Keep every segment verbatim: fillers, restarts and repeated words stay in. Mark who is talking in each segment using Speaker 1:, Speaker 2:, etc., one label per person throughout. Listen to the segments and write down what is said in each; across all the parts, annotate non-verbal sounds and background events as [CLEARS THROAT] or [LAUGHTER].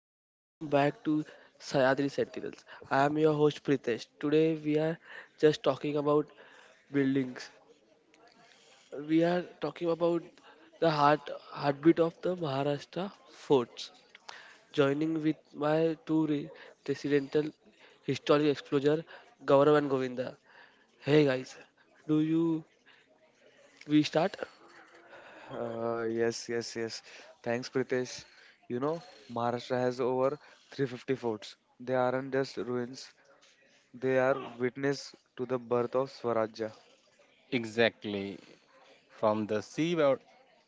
Speaker 1: everyone, welcome back to Sayadri Sentinels. I am your host Pritesh. Today we are just talking about buildings. We are talking about the heart heartbeat of the Maharashtra forts. Joining with my two re- residential historic explorer Gaurav and Govinda. Hey guys, do you we start?
Speaker 2: Uh, yes, yes, yes. Thanks, Pritesh. You know, Maharashtra has over three hundred fifty forts. They aren't just ruins, they are witness to the birth of Swarajya.
Speaker 3: Exactly. From the sea wa-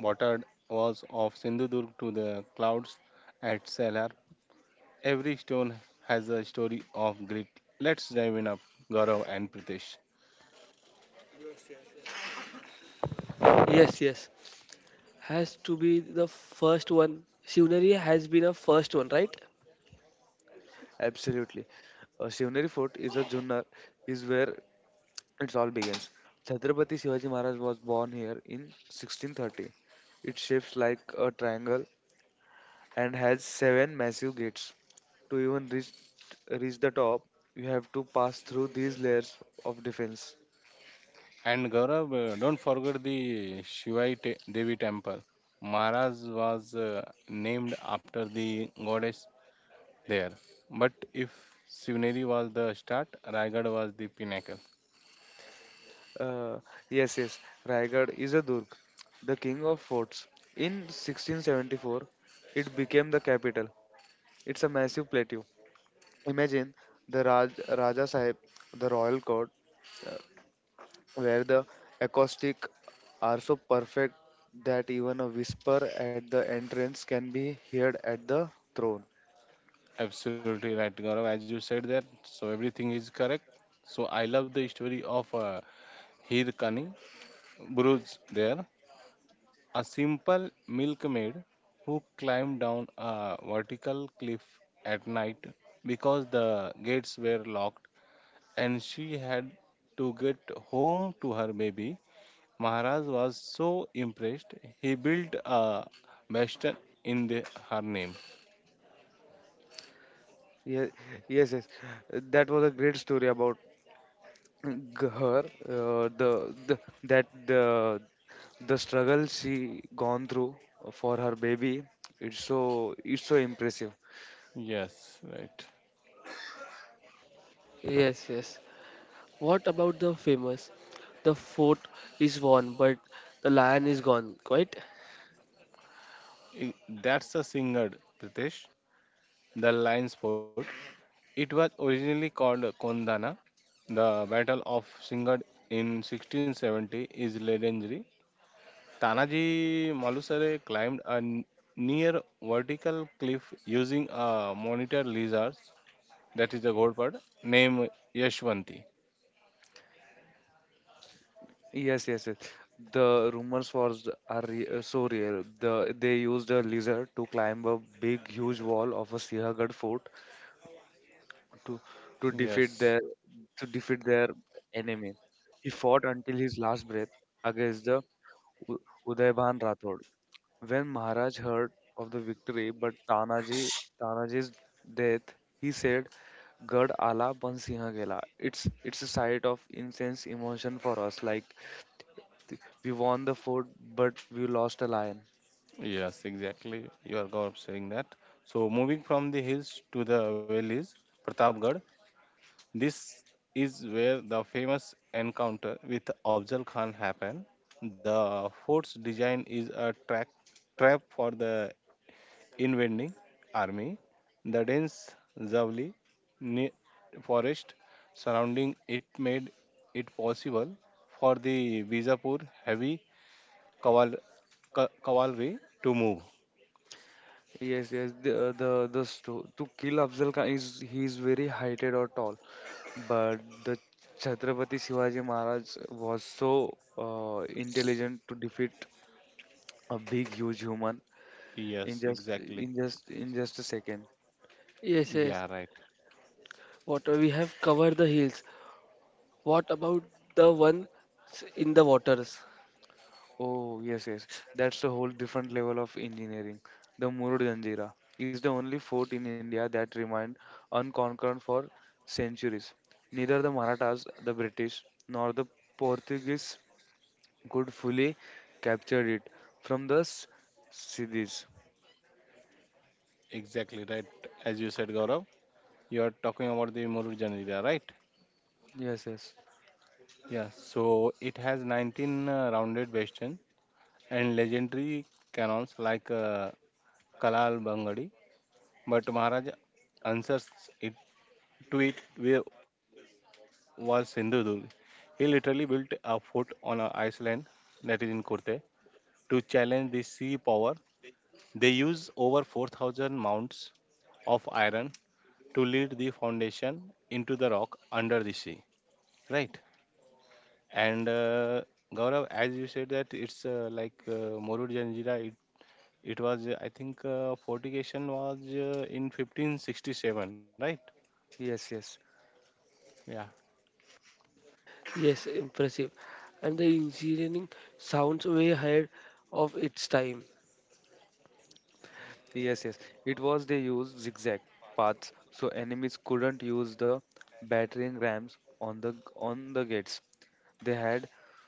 Speaker 3: watered walls of Sindhudurg to the clouds at Salar, every stone has a story of grit. Let's dive in up, Gaurav and Pritesh.
Speaker 1: Yes, yes. Has to be the first one. Shivneri has been a first one, right?
Speaker 2: Absolutely. A Shivneri fort is a Junnar, is where it all begins. Chhatrapati Shivaji Maharaj was born here in sixteen thirty. It's shaped like a triangle and has seven massive gates. To even reach reach the top, you have to pass through these layers of defense.
Speaker 3: And Gaurav, uh, don't forget the Shivai Te- Devi temple. Maharaj was uh, named after the goddess there. But if Shivneri was the start, Raigad was the pinnacle.
Speaker 2: Uh, yes, yes. Raigad is a Durg, the king of forts. In sixteen seventy-four, it became the capital. It's a massive plateau. Imagine the Raj, Raja Sahib, the royal court, uh, where the acoustics are so perfect that even a whisper at the entrance can be heard at the throne.
Speaker 3: Absolutely right, Gaurav. As you said that, so everything is correct. So I love the story of uh, Hirkani Buruj there, a simple milkmaid who climbed down a vertical cliff at night because the gates were locked and she had to get home to her baby. Maharaj was so impressed, he built a bastion in the, her name.
Speaker 2: Yes, yes, yes. That was a great story about her, uh, the, the that the the struggle she gone through for her baby. It's so it's so impressive.
Speaker 3: Yes, right.
Speaker 1: Yes, yes. What about the famous? The fort is won, but the lion is gone, quite?
Speaker 3: I- That's a singer, Pritesh. The Lion's Fort. It was originally called Kondana. The Battle of Singad in sixteen seventy is legendary. Tanaji Malusare climbed a n- near vertical cliff using a monitor lizard, that is a godpad, named Yashwanti.
Speaker 2: Yes, yes, yes. The rumors for are re- uh, so real. The they used a lizard to climb a big huge wall of a Sihagarh fort to to defeat
Speaker 3: Yes,
Speaker 2: their to defeat their enemy. He fought until his last breath against the U- Udayban Rathod. When Maharaj heard of the victory but Tanaji Tanaji's death, he said, Gad Ala Bansiha Gela. It's it's a sight of intense emotion for us. Like, th- we won the fort, but we lost a lion.
Speaker 3: yes, exactly. You are go- saying that. So, moving from the hills to the valleys, Pratapgarh. This is where the famous encounter with Afzal Khan happened. The fort's design is a track, trap for the invading army. The dense Zavli ne- forest surrounding it made it possible for the Vizapur heavy caval- ca- cavalry to move.
Speaker 2: Yes, yes. The the the sto- to kill Afzal Khan is he is very heighted or tall, but the Chhatrapati Shivaji Maharaj was so uh, intelligent to defeat a big huge human in
Speaker 3: Yes,
Speaker 2: just in
Speaker 3: exactly.
Speaker 2: just in just a second.
Speaker 1: Yes, yes.
Speaker 3: Yeah, right.
Speaker 1: Water, we have covered the hills. What about the one s- in the waters?
Speaker 2: Oh, yes, yes. That's a whole different level of engineering. The Murud Janjira is the only fort in India that remained unconquered for centuries. Neither the Marathas, the British, nor the Portuguese could fully capture it from the S- Siddhis.
Speaker 3: Exactly right. As you said, Gaurav, you are talking about the Murur Janira, right?
Speaker 2: Yes, yes.
Speaker 3: Yeah, so it has nineteen uh, rounded bastions and legendary cannons like uh, Kalal Bangadi, but Maharaj answers it to it wi- was Sindhudurg. He literally built a fort on an island that is in Kurte to challenge the sea power. They use over four thousand mounts of iron to lead the foundation into the rock under the sea. Right? And uh, Gaurav, as you said that it's uh, like uh, Morud Janjira, it, it was, uh, I think, uh, fortification was uh, in fifteen sixty-seven, right?
Speaker 2: Yes, yes.
Speaker 3: Yeah.
Speaker 1: Yes, impressive. And the engineering sounds way ahead of its time.
Speaker 2: Yes, yes. It was they used zigzag paths so enemies couldn't use the battering rams on the on the gates. They had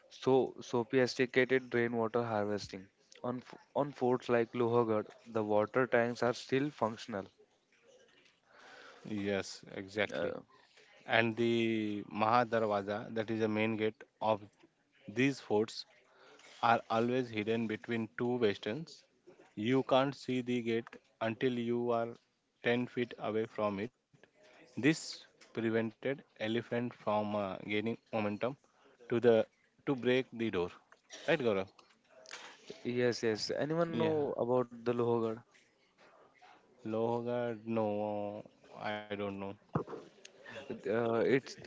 Speaker 2: so sophisticated rainwater harvesting. On f- on forts like Lohagarh, the water tanks are still functional.
Speaker 3: Yes, exactly.
Speaker 2: Uh,
Speaker 3: And the Mahadarwaza, that is the main gate of these forts, are always hidden between two westerns. You can't see the gate until you are ten feet away from it. This prevented elephant from uh, gaining momentum to the to break the door. Right, Gaurav?
Speaker 2: yes, yes. Anyone
Speaker 3: Yeah.
Speaker 2: know about the Lohagarh?
Speaker 3: Logar, no, I don't know.
Speaker 2: Uh, it's it,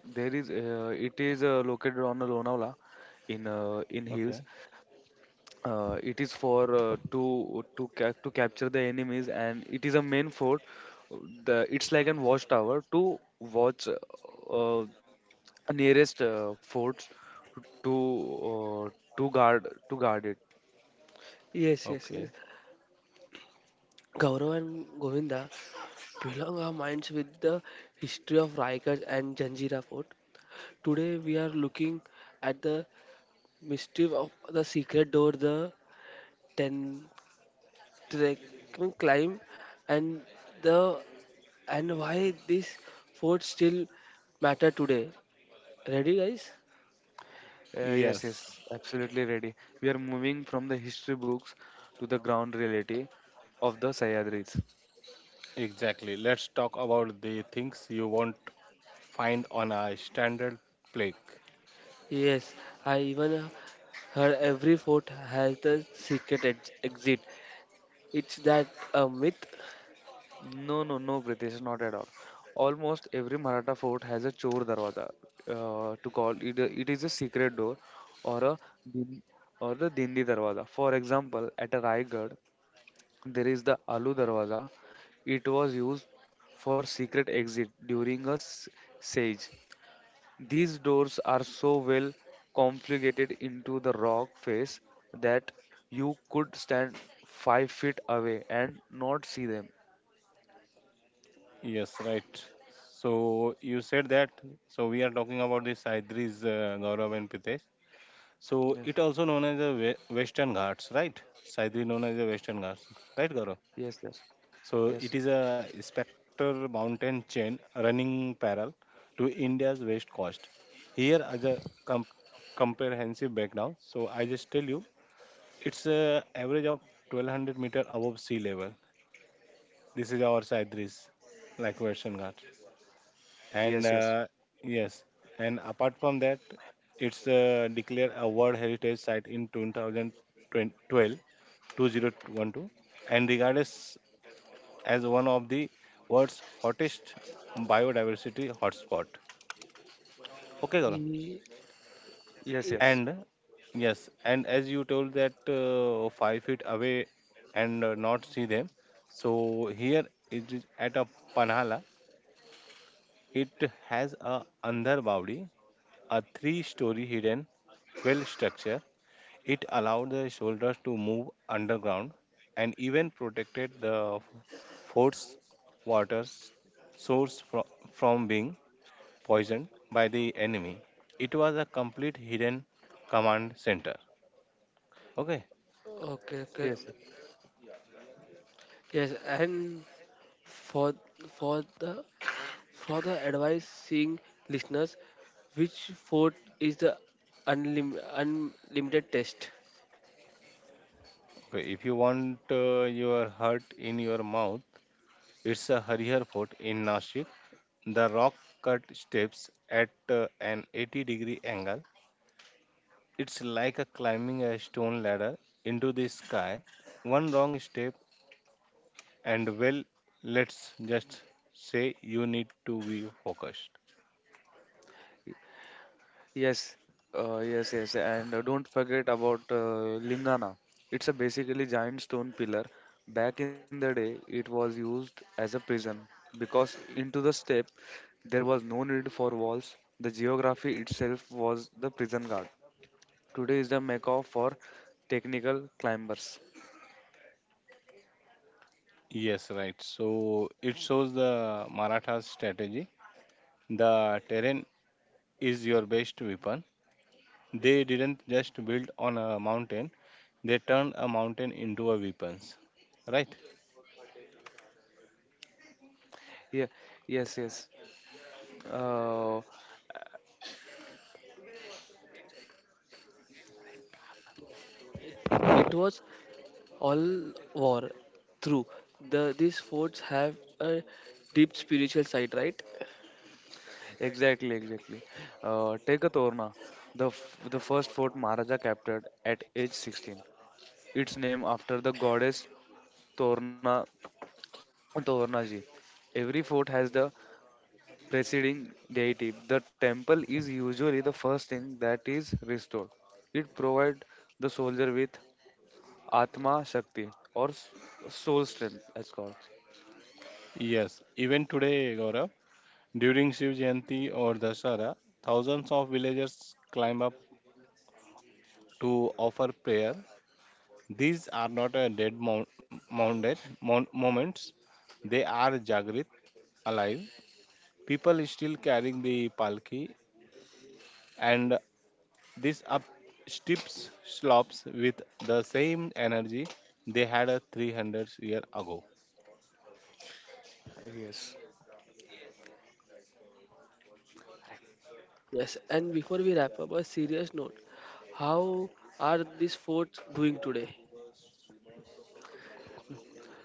Speaker 2: there is uh, it is uh, located on the Lonavala in uh, in
Speaker 3: Okay.
Speaker 2: hills. Uh, it is for uh, to to ca- to capture the enemies, and it is a main fort. The it's like an watchtower to watch uh, nearest uh, forts to uh, to guard to guard it.
Speaker 1: Yes, yes,
Speaker 3: Okay.
Speaker 1: yes. Gaurav and Govinda belong our minds with the history of Raigad and Janjira Fort. Today we are looking at the mystery of the secret door, the Ten trekking climb, and the and why this fort still matter today. Ready guys?
Speaker 2: Uh, yes, yes,
Speaker 3: Yes,
Speaker 2: absolutely ready. We are moving from the history books to the ground reality of the Sahyadris.
Speaker 3: exactly. Let's talk about the things you won't find on a standard plaque.
Speaker 1: Yes, I even uh, heard every fort has the secret ex- exit. It's that a myth?
Speaker 2: No, no, no, British, not at all. Almost every Maratha fort has a chor darwaza, uh, to call it. a- It is a secret door or a din- or the dindi darwaza. For example, at a Raigad, there is the Alu Darwaza. It was used for secret exit during a s- siege. These doors are so well configured into the rock face that you could stand five feet away and not see them.
Speaker 3: Yes, right. So you said that. So we are talking about the Saidris, uh, Gaurav and Pitesh. So it
Speaker 2: Yes,
Speaker 3: also known as the we- Western Ghats, right? Saidri known as the Western Ghats, right, Gaurav?
Speaker 2: yes, yes,
Speaker 3: So
Speaker 2: yes,
Speaker 3: it is a spectral mountain chain running parallel to India's west coast. Here as a com- comprehensive background. So I just tell you, it's a average of twelve hundred meter above sea level. This is our Saidris, like Western Ghats. And
Speaker 2: yes, yes,
Speaker 3: uh, yes, and apart from that, it's uh, declared a World Heritage Site in twenty twelve two thousand twelve and regarded as one of the world's hottest biodiversity hotspot. Okay, Gaurav.
Speaker 1: E-
Speaker 2: yes,
Speaker 1: e-
Speaker 2: yes,
Speaker 3: And yes, and as you told that uh, five feet away and uh, not see them. So here it is at a Panhala. It has a Andhar Bawdi, a three-story hidden well structure. It allowed the soldiers to move underground and even protected the force water source fro- from being poisoned by the enemy. It was a complete hidden command center. Okay.
Speaker 1: okay, okay.
Speaker 2: yes.
Speaker 1: Yes, and for for the for the advice seeing listeners, which fort is the unlim- unlimited test?
Speaker 3: Okay. If you want uh, your heart in your mouth, it's a Harihar Fort in Nashik. The rock cut steps at uh, an eighty degree angle. It's like a climbing a stone ladder into the sky. One wrong step, and well, let's just say you need to be focused.
Speaker 2: Yes, uh, yes, yes, and uh, don't forget about uh, Lingana. It's a basically giant stone pillar. Back in the day, it was used as a prison because into the steppe there was no need for walls. The geography itself was the prison guard. Today is the mecca for technical climbers.
Speaker 3: Yes, right. So it shows the Maratha's strategy. The terrain is your best weapon. They didn't just build on a mountain, they turned a mountain into a weapons. Right?
Speaker 2: Yeah, yes, yes. Uh,
Speaker 1: It was all war through, the these forts have a deep spiritual side, right?
Speaker 2: exactly, exactly. Uh, take a Torna, the f- the first fort Maharaja captured at age sixteen. Its name after the goddess Torna, Tornaji. Every fort has the preceding deity. The temple is usually the first thing that is restored. It provides the soldier with Atma Shakti, or s- soul strength, as called.
Speaker 3: Yes. Even today, Gaurav, during Shiv Jayanti or Dashara, thousands of villagers climb up to offer prayer. These are not a dead mount, mounted mon- moments. They are Jagrit, alive. People still carrying the palki and this up slopes with the same energy they had a three hundred year ago.
Speaker 2: Yes.
Speaker 1: Yes, and before we wrap up a serious note, how are these forts doing today?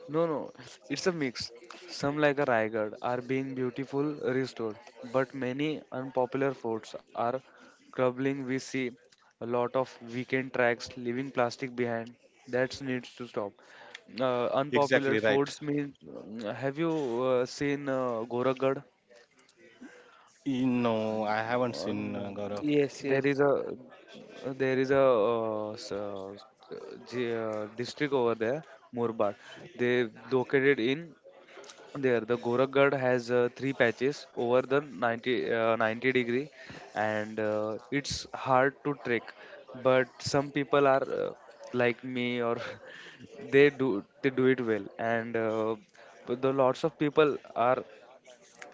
Speaker 2: No, no, it's a mix. Some, like a Raigad, are being beautiful restored, but many unpopular forts are crumbling. We see a lot of weekend tracks leaving plastic behind. That needs to stop. Uh, unpopular
Speaker 3: Exactly right.
Speaker 2: forts mean. Have you uh, seen uh, Gorakhgad?
Speaker 3: E- No, I haven't
Speaker 2: Uh,
Speaker 3: seen
Speaker 2: no.
Speaker 3: uh, Gaurav.
Speaker 1: Yes,
Speaker 2: There
Speaker 1: yes,
Speaker 2: is a uh, there is a uh, s- uh, s- uh, j- uh, district over there, Murbad. They located in there. The gorakhgad has uh, three patches over the ninety uh, ninety degree, and uh, it's hard to trek, but some people are uh, like me, or [LAUGHS] they do they do it well. And uh, but the lots of people are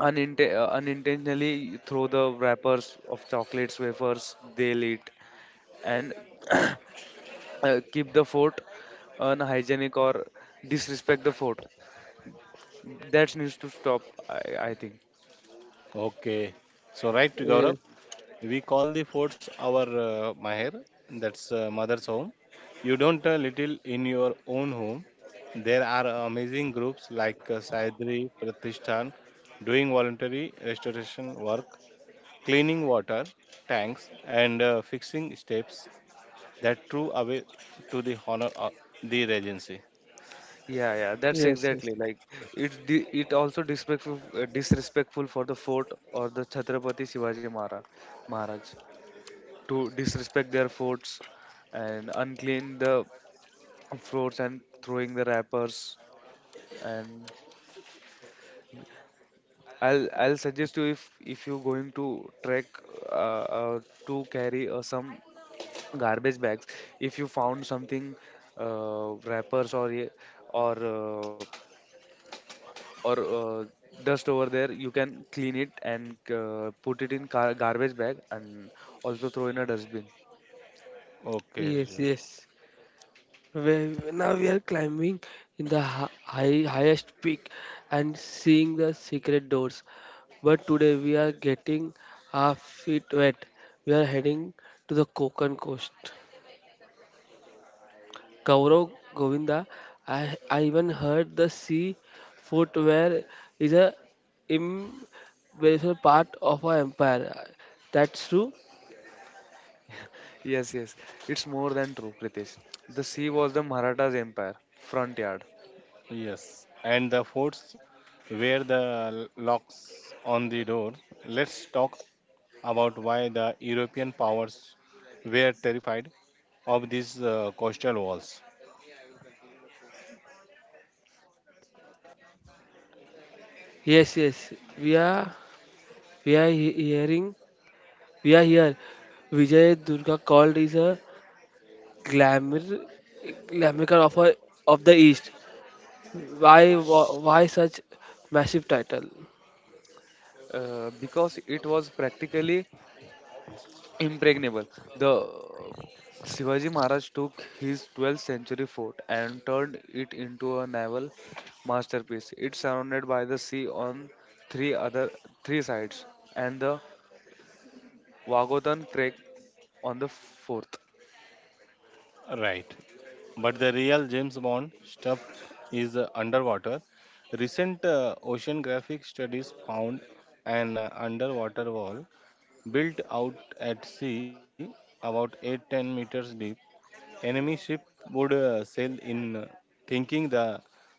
Speaker 2: uninte- uh, unintentionally throw the wrappers of chocolates wafers they'll eat, and [COUGHS] [CLEARS THROAT] uh, keep the fort unhygienic, or disrespect the fort. That needs to stop. I, I think.
Speaker 3: Okay, so right, Gaurav,
Speaker 1: yes,
Speaker 3: we call the forts our uh, Maher, that's uh, mother's home. You don't uh, little in your own home. There are amazing groups like uh, Saidri Pratishthan doing voluntary restoration work, cleaning water tanks, and uh, fixing steps that true away to the honor of the regency.
Speaker 2: Yeah, yeah, that's
Speaker 1: yes, yes,
Speaker 2: exactly like it. Di- it also disrespectful uh, disrespectful for the fort or the Chhatrapati Shivaji Maharaj Maharaj to disrespect their forts and unclean the floors and throwing the wrappers. And I'll I'll suggest you, if if you going to trek, uh, uh, to carry uh, some garbage bags. If you found something, uh, wrappers, or ye- or uh, or uh, dust over there, you can clean it and uh, put it in gar- garbage bag, and also throw in a dustbin.
Speaker 3: Okay,
Speaker 1: yes,
Speaker 3: yes.
Speaker 1: yes. We, now we are climbing in the hi- high, highest peak and seeing the secret doors. But today we are getting our feet wet. We are heading to the Konkan coast. Gaurav, Govinda. I, I even heard the sea footwear is a imperishable part of our empire. That's true.
Speaker 2: Yes, yes. It's more than true, Pritesh. The sea was the Marathas empire front yard.
Speaker 3: Yes. And the forts were the locks on the door. Let's talk about why the European powers were terrified of these uh, coastal walls.
Speaker 1: Yes, yes. We are we are he- hearing we are here. Vijay Durga called is a glamour glamour of our, of the East. Why wh- why such massive title?
Speaker 2: Uh, because it was practically impregnable. The uh, Shivaji Maharaj took his twelfth century fort and turned it into a naval masterpiece. It's surrounded by the sea on three other three sides, and the Wagodan Trek on the fourth.
Speaker 3: Right. But the real James Bond stuff is uh, underwater. Recent uh, oceanographic studies found an uh, underwater wall built out at sea, about eight ten meters deep, enemy ship would uh, sail in uh, thinking the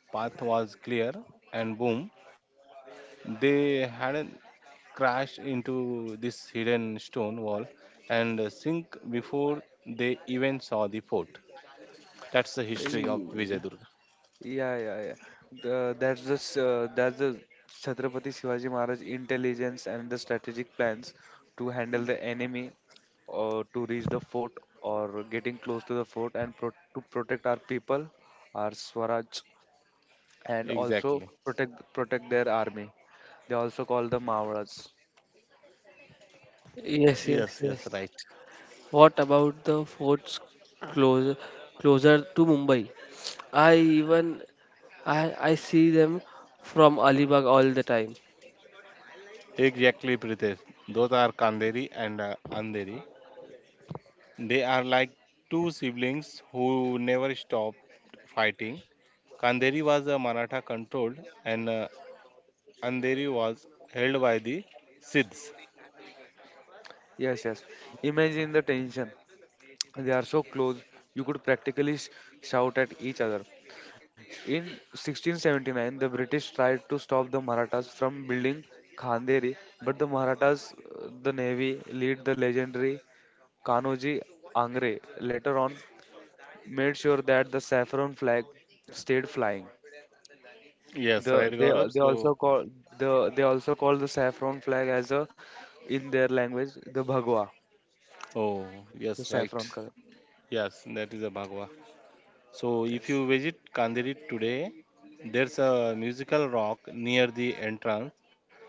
Speaker 3: path was clear and boom, they had crashed into this hidden stone wall and uh, sink before they even saw the fort. That's the history of
Speaker 2: Hey.
Speaker 3: Vijayadurga.
Speaker 2: Yeah, yeah, yeah. The, that's the s- uh, that's the Chhatrapati Shivaji Maharaj intelligence and the strategic plans to handle the enemy, or to reach the fort, or getting close to the fort and pro- to protect our people, our Swaraj, and also
Speaker 3: Exactly.
Speaker 2: protect protect their army. They also call the Mavaras.
Speaker 1: Yes,
Speaker 3: Yes,
Speaker 1: yes,
Speaker 3: yes, right.
Speaker 1: yes. What about the forts close, closer to Mumbai? I even I I see them from Alibag all the time.
Speaker 3: Exactly, Pritesh. Those are Kanderi and uh, Andheri. They are like two siblings who never stopped fighting. Kanderi was uh, Maratha controlled and uh, Andheri was held by the Siddhs.
Speaker 2: Yes, yes. Imagine the tension. They are so close, you could practically sh- shout at each other. In sixteen seventy-nine, the British tried to stop the Marathas from building Khanderi, but the Marathas, uh, the navy, led the legendary Kanoji Angre, later on made sure that the saffron flag stayed flying.
Speaker 3: Yes, right,
Speaker 2: The, they,
Speaker 3: Gaurav.
Speaker 2: they
Speaker 3: So,
Speaker 2: also call the they also call the saffron flag as a in their language the bhagwa,
Speaker 3: oh, yes,
Speaker 2: the
Speaker 3: right.
Speaker 2: saffron color.
Speaker 3: Yes, that is a Bhagwa. So,
Speaker 2: Yes.
Speaker 3: if you visit Kanderi today, there's a musical rock near the entrance.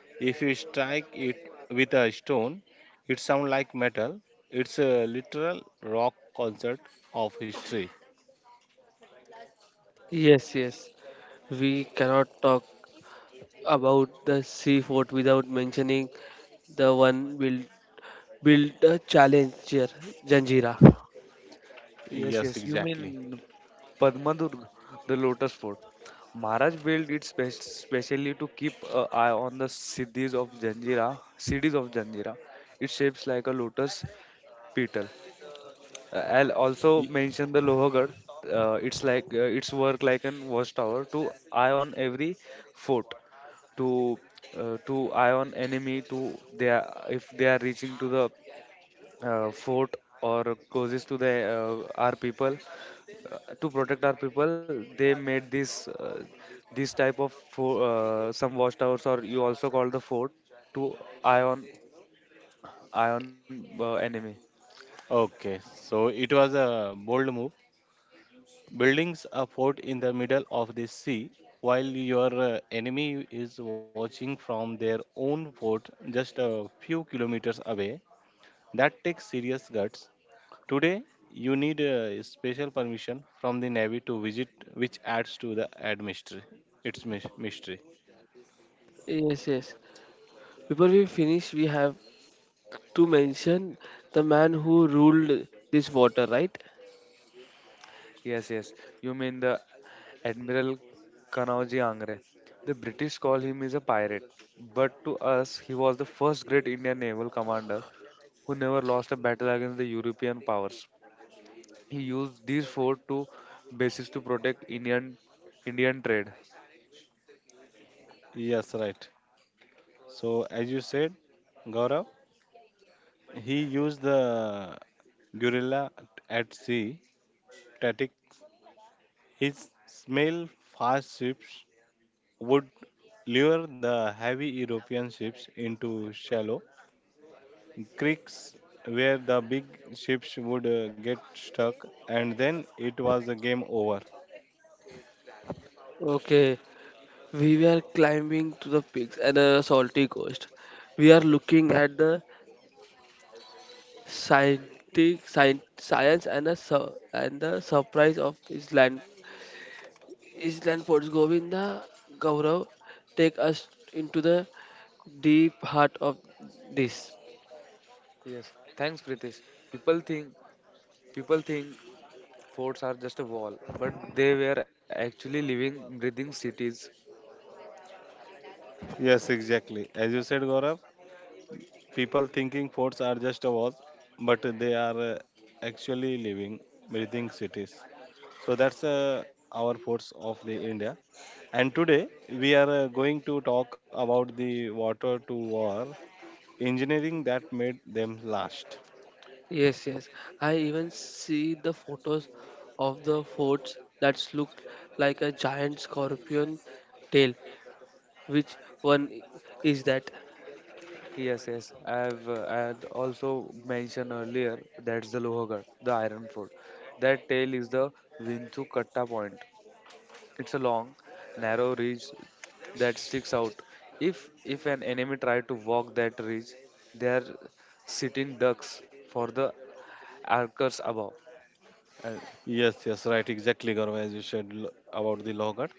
Speaker 3: If you strike it with a stone, it sounds like metal. It's a literal rock concert of history.
Speaker 1: Yes, yes. We cannot talk about the sea fort without mentioning the one build build a challenger Janjira.
Speaker 2: Yes, yes.
Speaker 3: Yes,
Speaker 2: You
Speaker 3: exactly.
Speaker 2: mean Padmadur, the lotus fort. Maharaj built it spe- specially to keep an eye on the siddhis of Janjira, cities of Janjira. It shapes like a lotus petal. Uh, I'll also
Speaker 3: Y-
Speaker 2: mention the Lohagarh. Uh, it's like uh, its work like an watchtower to eye on every fort, to uh, to eye on enemy, to they are, if they are reaching to the uh, fort or closest to the uh, our people, uh, to protect our people. They made this uh, this type of fo- uh, some watchtowers, or you also call the fort to eye ion ion uh, enemy.
Speaker 3: Okay, so it was a bold move. Buildings a fort in the middle of the sea while your uh, enemy is watching from their own fort just a few kilometers away. That takes serious guts. Today, you need a special permission from the Navy to visit, which adds to the ad mystery. It's mys- mystery.
Speaker 1: Yes, yes. Before we finish, we have to mention the man who ruled this water, right?
Speaker 2: Yes, yes. You mean the admiral Kanauji Angre. The British call him is a pirate, but to us he was the first great Indian naval commander who never lost a battle against the European powers. He used these fort to bases to protect indian indian trade.
Speaker 3: Yes, right. So, as you said, Gaurav, he used the gorilla at sea static. His smell fast ships would lure the heavy European ships into shallow creeks where the big ships would uh, get stuck, and then it was a game over.
Speaker 1: Okay, we were climbing to the peaks and a salty coast. We are looking at the scientific science, science and the sur- and the surprise of Island Island Forts. Govinda, Gaurav, take us into the deep heart of this.
Speaker 2: Yes, thanks, Pritesh. People think People think forts are just a wall, but they were actually living, breathing cities.
Speaker 3: Yes, exactly. As you said, Gaurav, people thinking forts are just a walls, but they are uh, actually living, breathing cities. So that's uh, our forts of the India. And today we are uh, going to talk about the water to war engineering that made them last.
Speaker 1: Yes, yes. I even see the photos of the forts that look like a giant scorpion tail. Which one is that?
Speaker 2: Yes, yes. I've uh, I'd also mentioned earlier that's the Lohagarh, the Iron Fort. That tail is the Vinchukatta Point. It's a long, narrow ridge that sticks out. If if an enemy tried to walk that ridge, they are sitting ducks for the archers above. Uh,
Speaker 3: Yes, yes, right, exactly, Gaurav, as you said l- about the Lohat.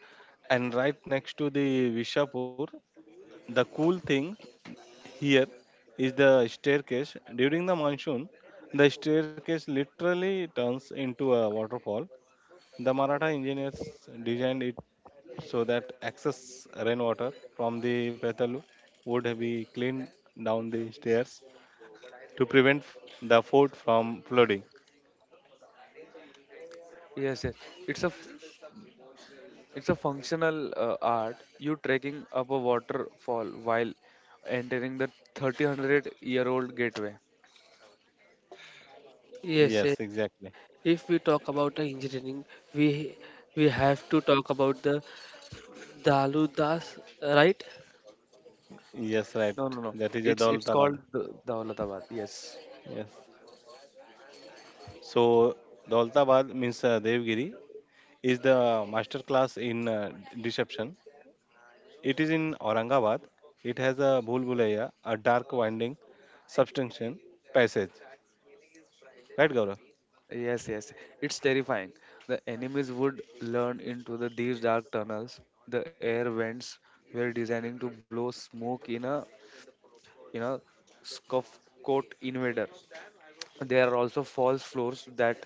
Speaker 3: And right next to the Vishapur, the cool thing here is the staircase. During the monsoon, the staircase literally turns into a waterfall. The Maratha engineers designed it so that excess rainwater from the Petalu would be cleaned down the stairs to prevent the fort from flooding.
Speaker 2: yes, yes. It's a f- It's a functional uh, art. You trekking up a waterfall while entering the three hundred year old gateway.
Speaker 1: Yes, yes.
Speaker 3: Yes, exactly.
Speaker 1: If we talk about the engineering, we we have to talk about the Daludas, right?
Speaker 3: Yes,
Speaker 2: No,
Speaker 3: right.
Speaker 2: no, no.
Speaker 3: That is a
Speaker 2: It's it's called
Speaker 3: Daulatabad.
Speaker 2: the Daulatabad. Yes.
Speaker 3: Yes. So Daulatabad means uh, Devgiri is the master class in uh, d- deception. It is in Aurangabad. It has a Bhulbulaya, a dark winding substantial passage. Right, Gaurav?
Speaker 2: Yes, yes. It's terrifying. The enemies would learn into the these dark tunnels. The air vents were designing to blow smoke in a in a scuff coat invader. There are also false floors that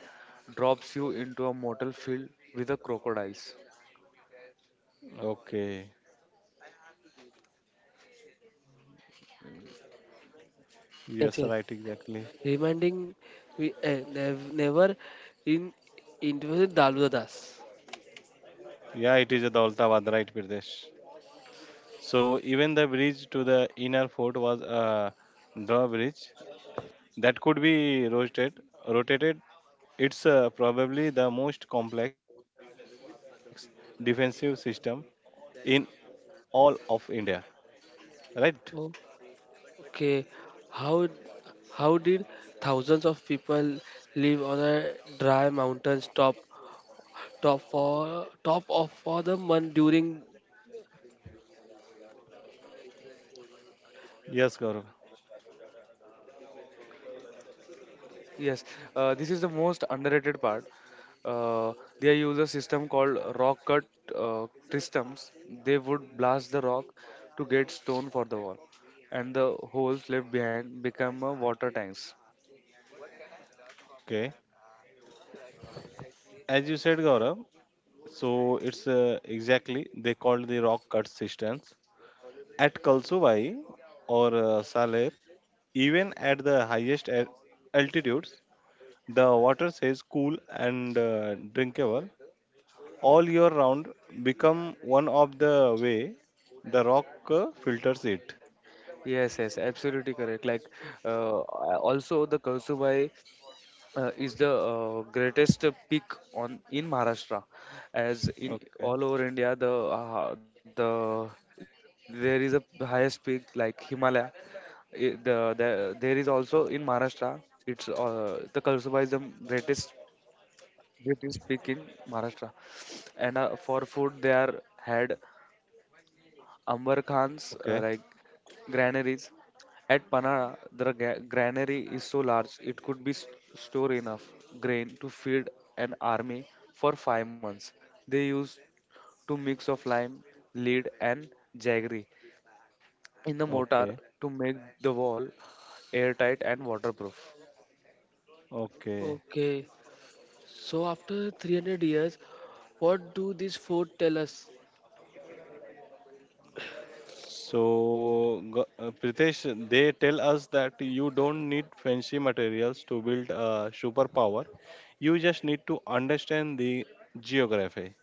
Speaker 2: drops you into a mortal field with a crocodiles.
Speaker 3: Okay.
Speaker 1: Yes,
Speaker 3: Yes,
Speaker 1: yes.
Speaker 3: right, exactly.
Speaker 1: Reminding we uh, nev- never in interviewed Dalvadas.
Speaker 3: Yeah, it is a Daulatabad, right, Pradesh. So even the bridge to the inner fort was a drawbridge that could be rotated, rotated. It's uh, probably the most complex defensive system in all of India, right?
Speaker 1: Okay, how how did thousands of people live on a dry mountain top top for top of for the month during?
Speaker 3: Yes, Gaurav.
Speaker 2: Yes, uh, this is the most underrated part. Uh, they use a system called rock cut uh, systems. They would blast the rock to get stone for the wall, and the holes left behind become uh, water tanks.
Speaker 3: Okay. As you said, Gaurav, so it's uh, exactly they called the rock cut systems. At Kalsuvai or uh, Saler, even at the highest a- altitudes, the water stays cool and uh, drinkable all year round. Become one of the way the rock uh, filters it.
Speaker 2: Yes, yes, absolutely correct. Like, uh, also the Kalsubai uh, is the uh, greatest peak on in Maharashtra, as in
Speaker 3: Okay.
Speaker 2: all over India. The uh, the there is a highest peak like Himalaya. I- the, the there is also in Maharashtra. It's uh, the Kalsuba is the greatest British peak in Maharashtra, and uh, for food they are had Amber Khan's,
Speaker 3: Okay.
Speaker 2: uh, like granaries at Panara. The ga- granary is so large it could be st- store enough grain to feed an army for five months. They used to mix of lime, lead, and jaggery in the
Speaker 3: Okay.
Speaker 2: mortar to make the wall airtight and waterproof.
Speaker 3: Okay.
Speaker 1: Okay, so after three hundred years, what do these four tell us?
Speaker 3: So, Ga- uh, Pritesh, they tell us that you don't need fancy materials to build a superpower. You just need to understand the geography.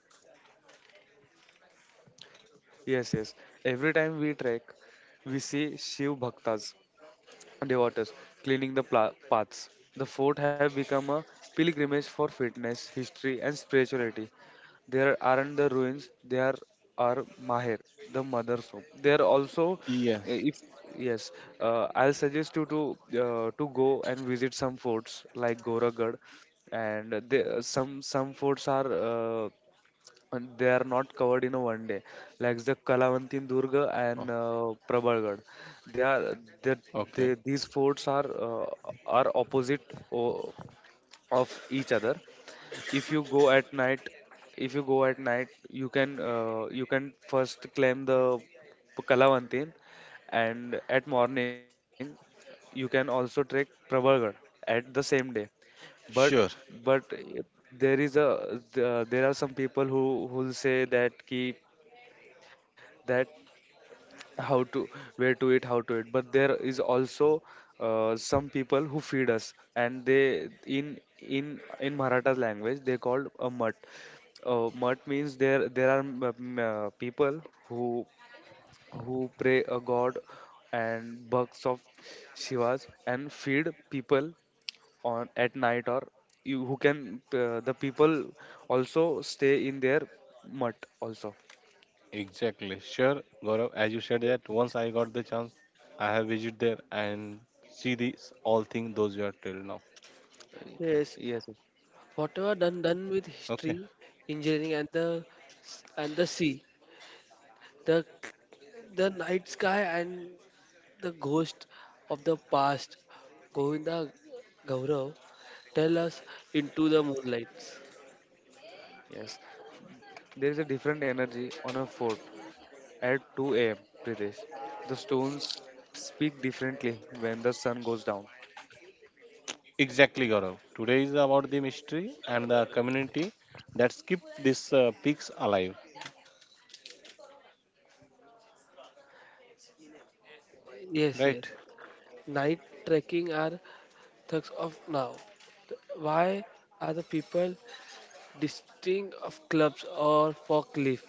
Speaker 2: Yes, yes. Every time we trek, we see Shiv Bhaktas devotees cleaning the pla- paths. The fort have become a pilgrimage for fitness, history, and spirituality. There aren't the ruins, there are Maher, the mother soap. There also,
Speaker 3: Yes.
Speaker 2: eh, if yes, uh, I'll suggest you to uh, to go and visit some forts like Goragarh, and the, some some forts are. Uh, and they are not covered in a one day like the kalavanti
Speaker 3: Oh,
Speaker 2: durga and uh, prabalgad. They are that
Speaker 3: okay.
Speaker 2: they, these forts are uh, are opposite o- of each other. If you go at night If you go at night you can uh, you can first climb the P- kalavantin, and at morning you can also trek pravalgarh at the same day. but
Speaker 3: Sure,
Speaker 2: but there is a the- there are some people who who'll say that keep that how to where to eat how to eat. But there is also uh, some people who feed us, and they in in in maratha language they called a mutt. uh, Mutt means there there are m- m- uh, people who who pray a god and bucks of shivas and feed people on at night. Or you who can uh, the people also stay in their mutt also.
Speaker 3: exactly. Sure, Gaurav, as you said that once I got the chance, I have visited there and see these all things those you are till now.
Speaker 2: Y-
Speaker 1: Yes,
Speaker 2: yes
Speaker 1: whatever done
Speaker 3: Okay.
Speaker 1: done with history, engineering, and the and the sea, the the night sky, and the ghost of the past. Govinda, Gaurav, tell us into the moonlight.
Speaker 2: yes There is a different energy on a fort at two a m, Pritesh. The stones speak differently when the sun goes down.
Speaker 3: Exactly, Gaurav. Today is about the mystery and the community that keep these uh, peaks alive.
Speaker 1: Yes, yes.
Speaker 3: Right.
Speaker 1: Night trekking are thugs of now. Why are the people distinct of clubs or forklift?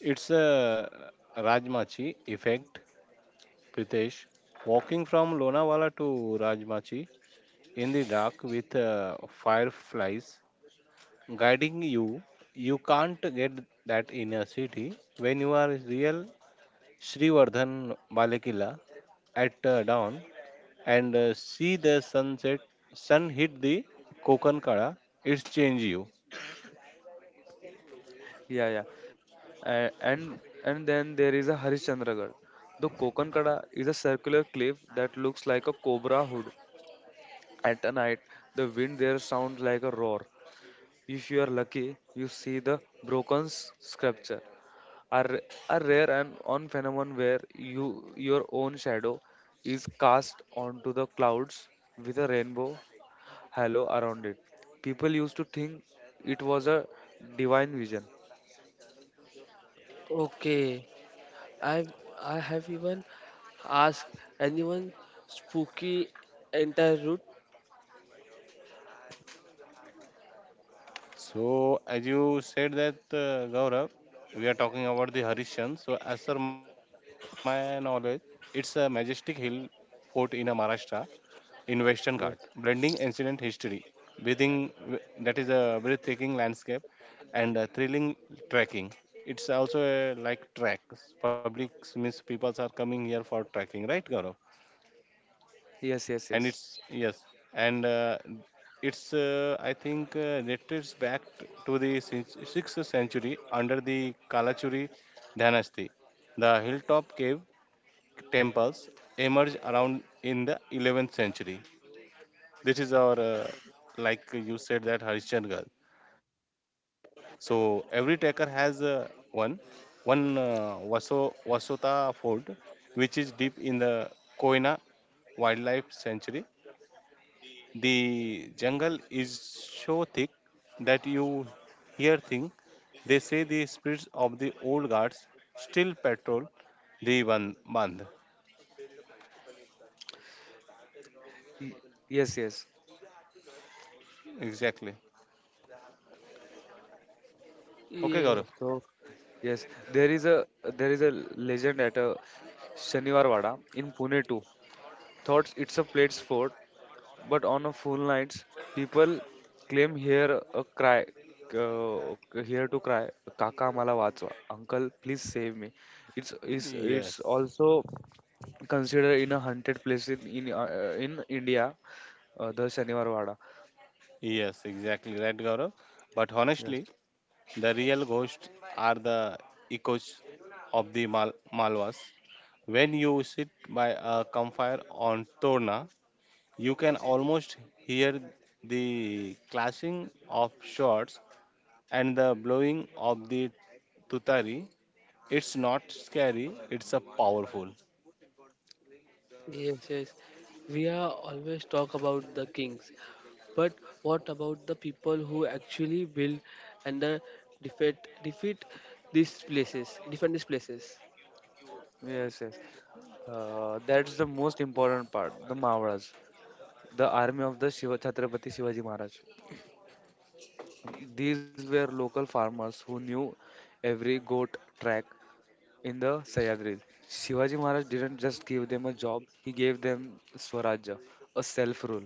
Speaker 3: It's a Rajmachi effect, Pritesh. Walking from Lonavala to Rajmachi in the dark with uh, fireflies guiding you, you can't get that in a city. When you are real Srivardhan Balekila at uh, dawn and uh, see the sunset, sun hit the Kokankala, it's change you.
Speaker 2: Yeah, yeah. A- and and then there is a Harishchandragarh. The Kokankada is a circular cliff that looks like a cobra hood. At a night, the wind there sounds like a roar. If you are lucky, you see the broken s- sculpture. Are a rare and on phenomenon where you your own shadow is cast onto the clouds with a rainbow halo around it. People used to think it was a divine vision.
Speaker 1: Okay, I I have even asked anyone spooky entire route.
Speaker 3: So, as you said that uh, Gaurav, we are talking about the Harishan. So, as per my knowledge, it's a majestic hill fort in uh, Maharashtra in Western Ghat, blending
Speaker 2: Yes.
Speaker 3: ancient history, breathing that is a breathtaking landscape and uh, thrilling trekking. It's also a like track. Public means people are coming here for trekking, right, Gaurav?
Speaker 2: Yes, yes,
Speaker 3: And
Speaker 2: yes.
Speaker 3: it's yes and uh, it's uh, I think uh, dates back t- to the sin- sixth century under the kalachuri dynasty. The hilltop cave temples emerged around in the eleventh century. This is our uh, like you said that harishchandgar. So every tracker has uh, one one uh, Vaso, Vasota fort which is deep in the koina wildlife sanctuary. The jungle is so thick that you hear things. They say the spirits of the old guards still patrol the ban- bandh.
Speaker 2: Y- Yes, yes.
Speaker 3: Exactly. Okay,
Speaker 1: Yes,
Speaker 3: Gaurav.
Speaker 2: Uh, So, Yes, there is a there is a legend at a Shaniwarwada in Pune too. Thought it's a plate's fort. But on a full nights, people claim here a cry, uh, here to cry, Kaka mala vatsva, Uncle please save me. It's it's it's
Speaker 3: Yes.
Speaker 2: also considered in a haunted place in in, uh, in India, uh, the Shaniwar Wada.
Speaker 3: Yes, exactly right, Gaurav. But
Speaker 2: Yes.
Speaker 3: honestly, the real ghosts are the echoes of the Mal- Malwas. When you sit by a campfire on Torna, you can almost hear the clashing of swords and the blowing of the tutari. It's not scary, it's a powerful.
Speaker 1: yes, yes. We are always talk about the kings, but what about the people who actually build and the defeat defeat these places, defend these places?
Speaker 2: Yes, yes. Uh, that's the most important part, the Mavadas, the army of the Shiva Chhatrapati Shivaji Maharaj. These were local farmers who knew every goat track in the Sahyadris. Shivaji Maharaj didn't just give them a job, he gave them Swarajya, a self rule.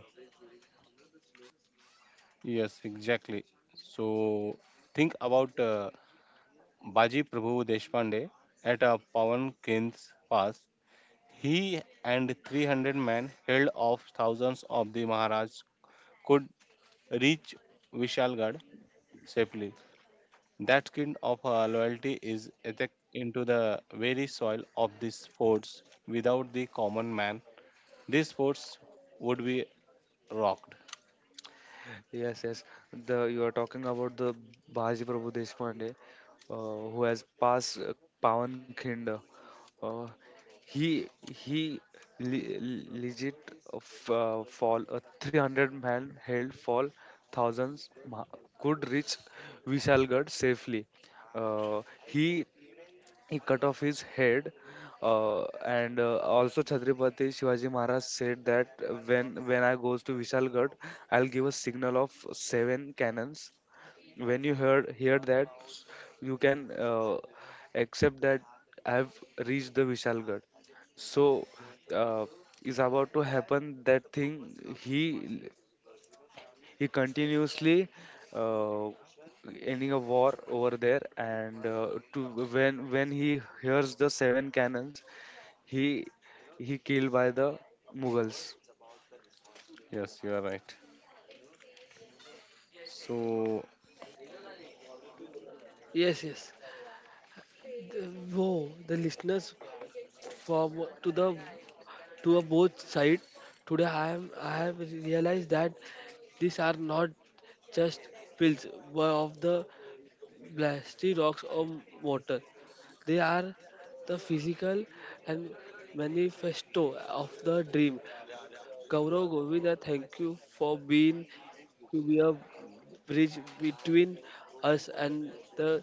Speaker 3: Yes, exactly. So think about uh, Baji Prabhu Deshpande at a Pawan King's pass. He and three hundred men held off thousands of the Maharaj could reach Vishalgarh safely. That kind of uh, loyalty is etched into the very soil of these forts. Without the common man, these sports would be rocked.
Speaker 2: Yes, yes. The You are talking about the Bhaji Prabhu Deshpande, uh, who has passed uh, Pawan Khinde. Uh, he he le- le- Legit uh, f- uh, fall a three hundred man held fall thousands ma- could reach Vishalgarh safely. Uh, he he cut off his head, uh, and uh, also chhatrapati shivaji maharaj said that uh, when when I goes to vishalgarh, I'll give a signal of seven cannons. When you heard hear that, you can uh, accept that I have reached the vishalgarh. So uh, is about to happen that thing. He he continuously uh, ending a war over there, and uh, to when when he hears the seven cannons, he he killed by the Mughals.
Speaker 3: Yes, you are right. So,
Speaker 1: Yes, yes. The, whoa, the listeners from to the to a both side today. I am I have realized that these are not just pills but of the blasty rocks or mortar. They are the physical and manifesto of the dream. Gaurav, Govinda, thank you for being to be a bridge between us and the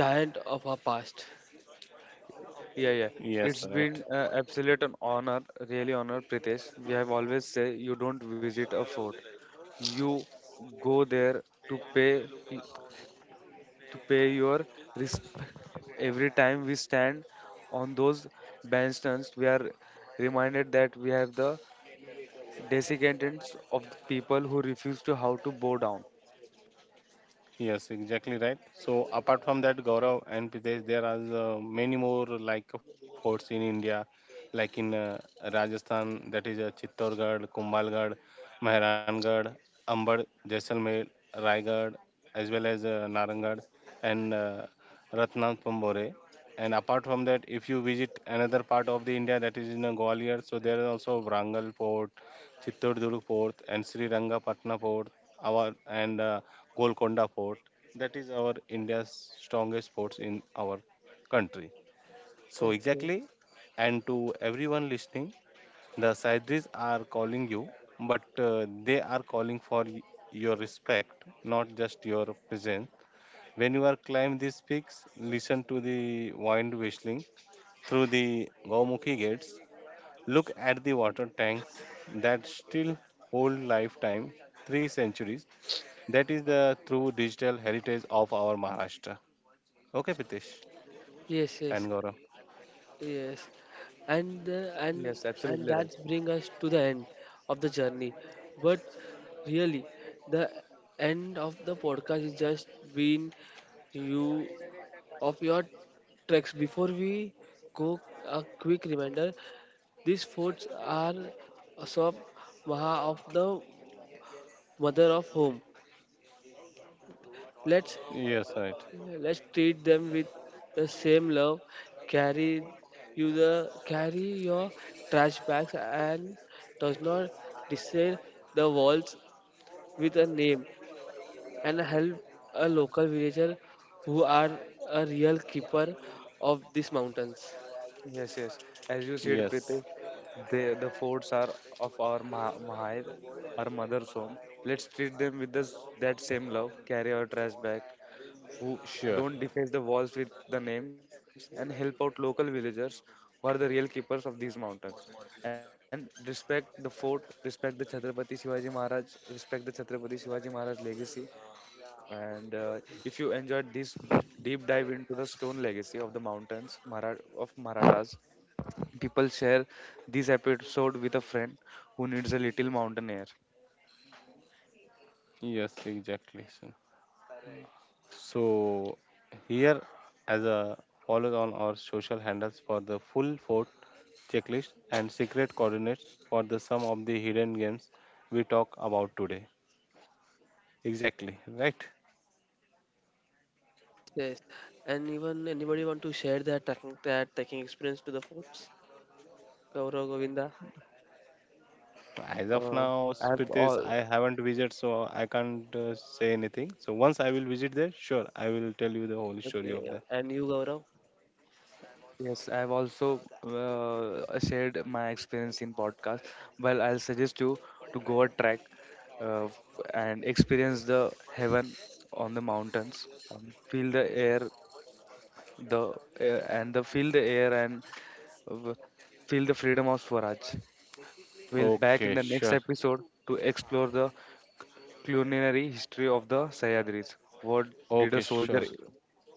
Speaker 1: giant of our past.
Speaker 2: Yeah, yeah.
Speaker 3: yes,
Speaker 2: It's
Speaker 3: right.
Speaker 2: been uh, absolute an honor, really honor, Pritesh. We have always say you don't visit a fort, you go there to pay to pay your respect. Every time we stand on those bandstands, we are reminded that we have the Descendants of the people who refuse to how to bow down.
Speaker 3: Yes, exactly right. So apart from that, Gaurav and Pritesh, there are uh, many more like forts in India, like in uh, Rajasthan, that is uh, Chittorgarh, Kumbhalgarh, Mehrangarh, Amber, Jaisalmer, Raigarh, as well as uh, Narangarh and uh, Ratnapambore. And apart from that, if you visit another part of the India, that is in uh, Gwalior, so there is also Wrangle Fort, Chittordur Fort and Sri Rangapatna Fort, our and uh, Golconda Fort. That is our India's strongest forts in our country. So
Speaker 1: Okay.
Speaker 3: exactly, and to everyone listening, the Saidris are calling you, but uh, they are calling for y- your respect, not just your presence. When you are climb these peaks, listen to the wind whistling through the Gaumukhi gates. Look at the water tanks that still hold lifetime, three centuries. That is the true digital heritage of our Maharashtra. Okay, Pritesh
Speaker 1: Yes, yes,
Speaker 3: and Gaurav.
Speaker 1: yes. And uh,
Speaker 2: Yes,
Speaker 1: and
Speaker 2: absolutely right.
Speaker 1: and that brings us to the end of the journey. But really, the end of the podcast is just been you of your tracks. Before we go, a quick reminder. These foods are Asop Maha of the mother of home. Let's
Speaker 3: Yes, right.
Speaker 1: let's treat them with the same love. Carry you the carry your trash bags and does not decide the walls with a name, and help a local villager who are a real keeper of these mountains.
Speaker 2: Yes, yes. As you said, Pritesh,
Speaker 3: Yes,
Speaker 2: the the forts are of our Maha, Mahayad, our mother's home. Let's treat them with this, that same love. Carry our trash back. Who
Speaker 3: sure.
Speaker 2: don't deface the walls with the names and help out local villagers who are the real keepers of these mountains. And respect the fort, respect the Chhatrapati Shivaji Maharaj, respect the Chhatrapati Shivaji Maharaj legacy. And uh, if you enjoyed this deep dive into the stone legacy of the mountains Mara- of Marathas, people share this episode with a friend who needs a little mountain air.
Speaker 3: Yes, exactly, sir. So, here as a follow on our social handles for the full fort checklist and secret coordinates for the sum of the hidden games we talk about today. Exactly, right?
Speaker 1: Yes. And even anybody want to share their trekking their trekking experience to the forts? Gaurav, Govinda.
Speaker 3: As of
Speaker 2: Uh,
Speaker 3: now,
Speaker 2: I've
Speaker 3: Spirites,
Speaker 2: all
Speaker 3: I haven't visited, so I can't uh, say anything. So once I will visit there, sure, I will tell you the whole story of
Speaker 1: Okay,
Speaker 3: that.
Speaker 1: and you, Gaurav?
Speaker 2: Yes, I've also uh, shared my experience in podcast. Well, I'll suggest you to go a trek uh, f- and experience the heaven on the mountains and feel the air the air and the feel the air and w- feel the freedom of Swaraj. We'll back in
Speaker 3: Okay,
Speaker 2: the next
Speaker 3: sure.
Speaker 2: episode to explore the culinary history of the Sahyadris. What did a
Speaker 3: Okay,
Speaker 2: soldier
Speaker 3: sure.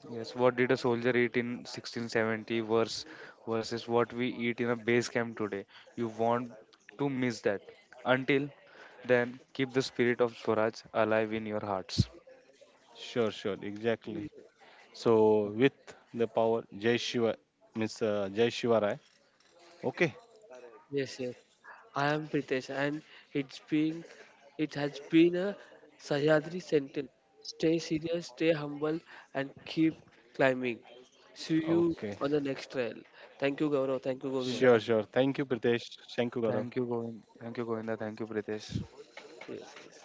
Speaker 2: Yes, what did a soldier eat in sixteen seventy versus versus what we eat in a base camp today? You want to miss that. Until then, keep the spirit of Swaraj alive in your hearts.
Speaker 3: Sure, sure, exactly. So
Speaker 2: Mm,
Speaker 3: with the power, Jai Shiva, Miss uh, Jai Shiva Rai. Okay,
Speaker 1: Yes, yes. I am Pritesh, and it's being, it has been a Sahyadri sentence. Stay serious, stay humble, and keep climbing. See you on the next
Speaker 3: okay.
Speaker 1: trail. Thank you, Gaurav. Thank you,
Speaker 2: Yes.
Speaker 3: Sure,
Speaker 1: Govinda.
Speaker 3: sure. Thank you, Pritesh. Thank you,
Speaker 2: Thank you,
Speaker 3: Gaurav.
Speaker 2: Govind. Thank you, Govinda. Thank you, Pritesh.
Speaker 1: Yes, yes.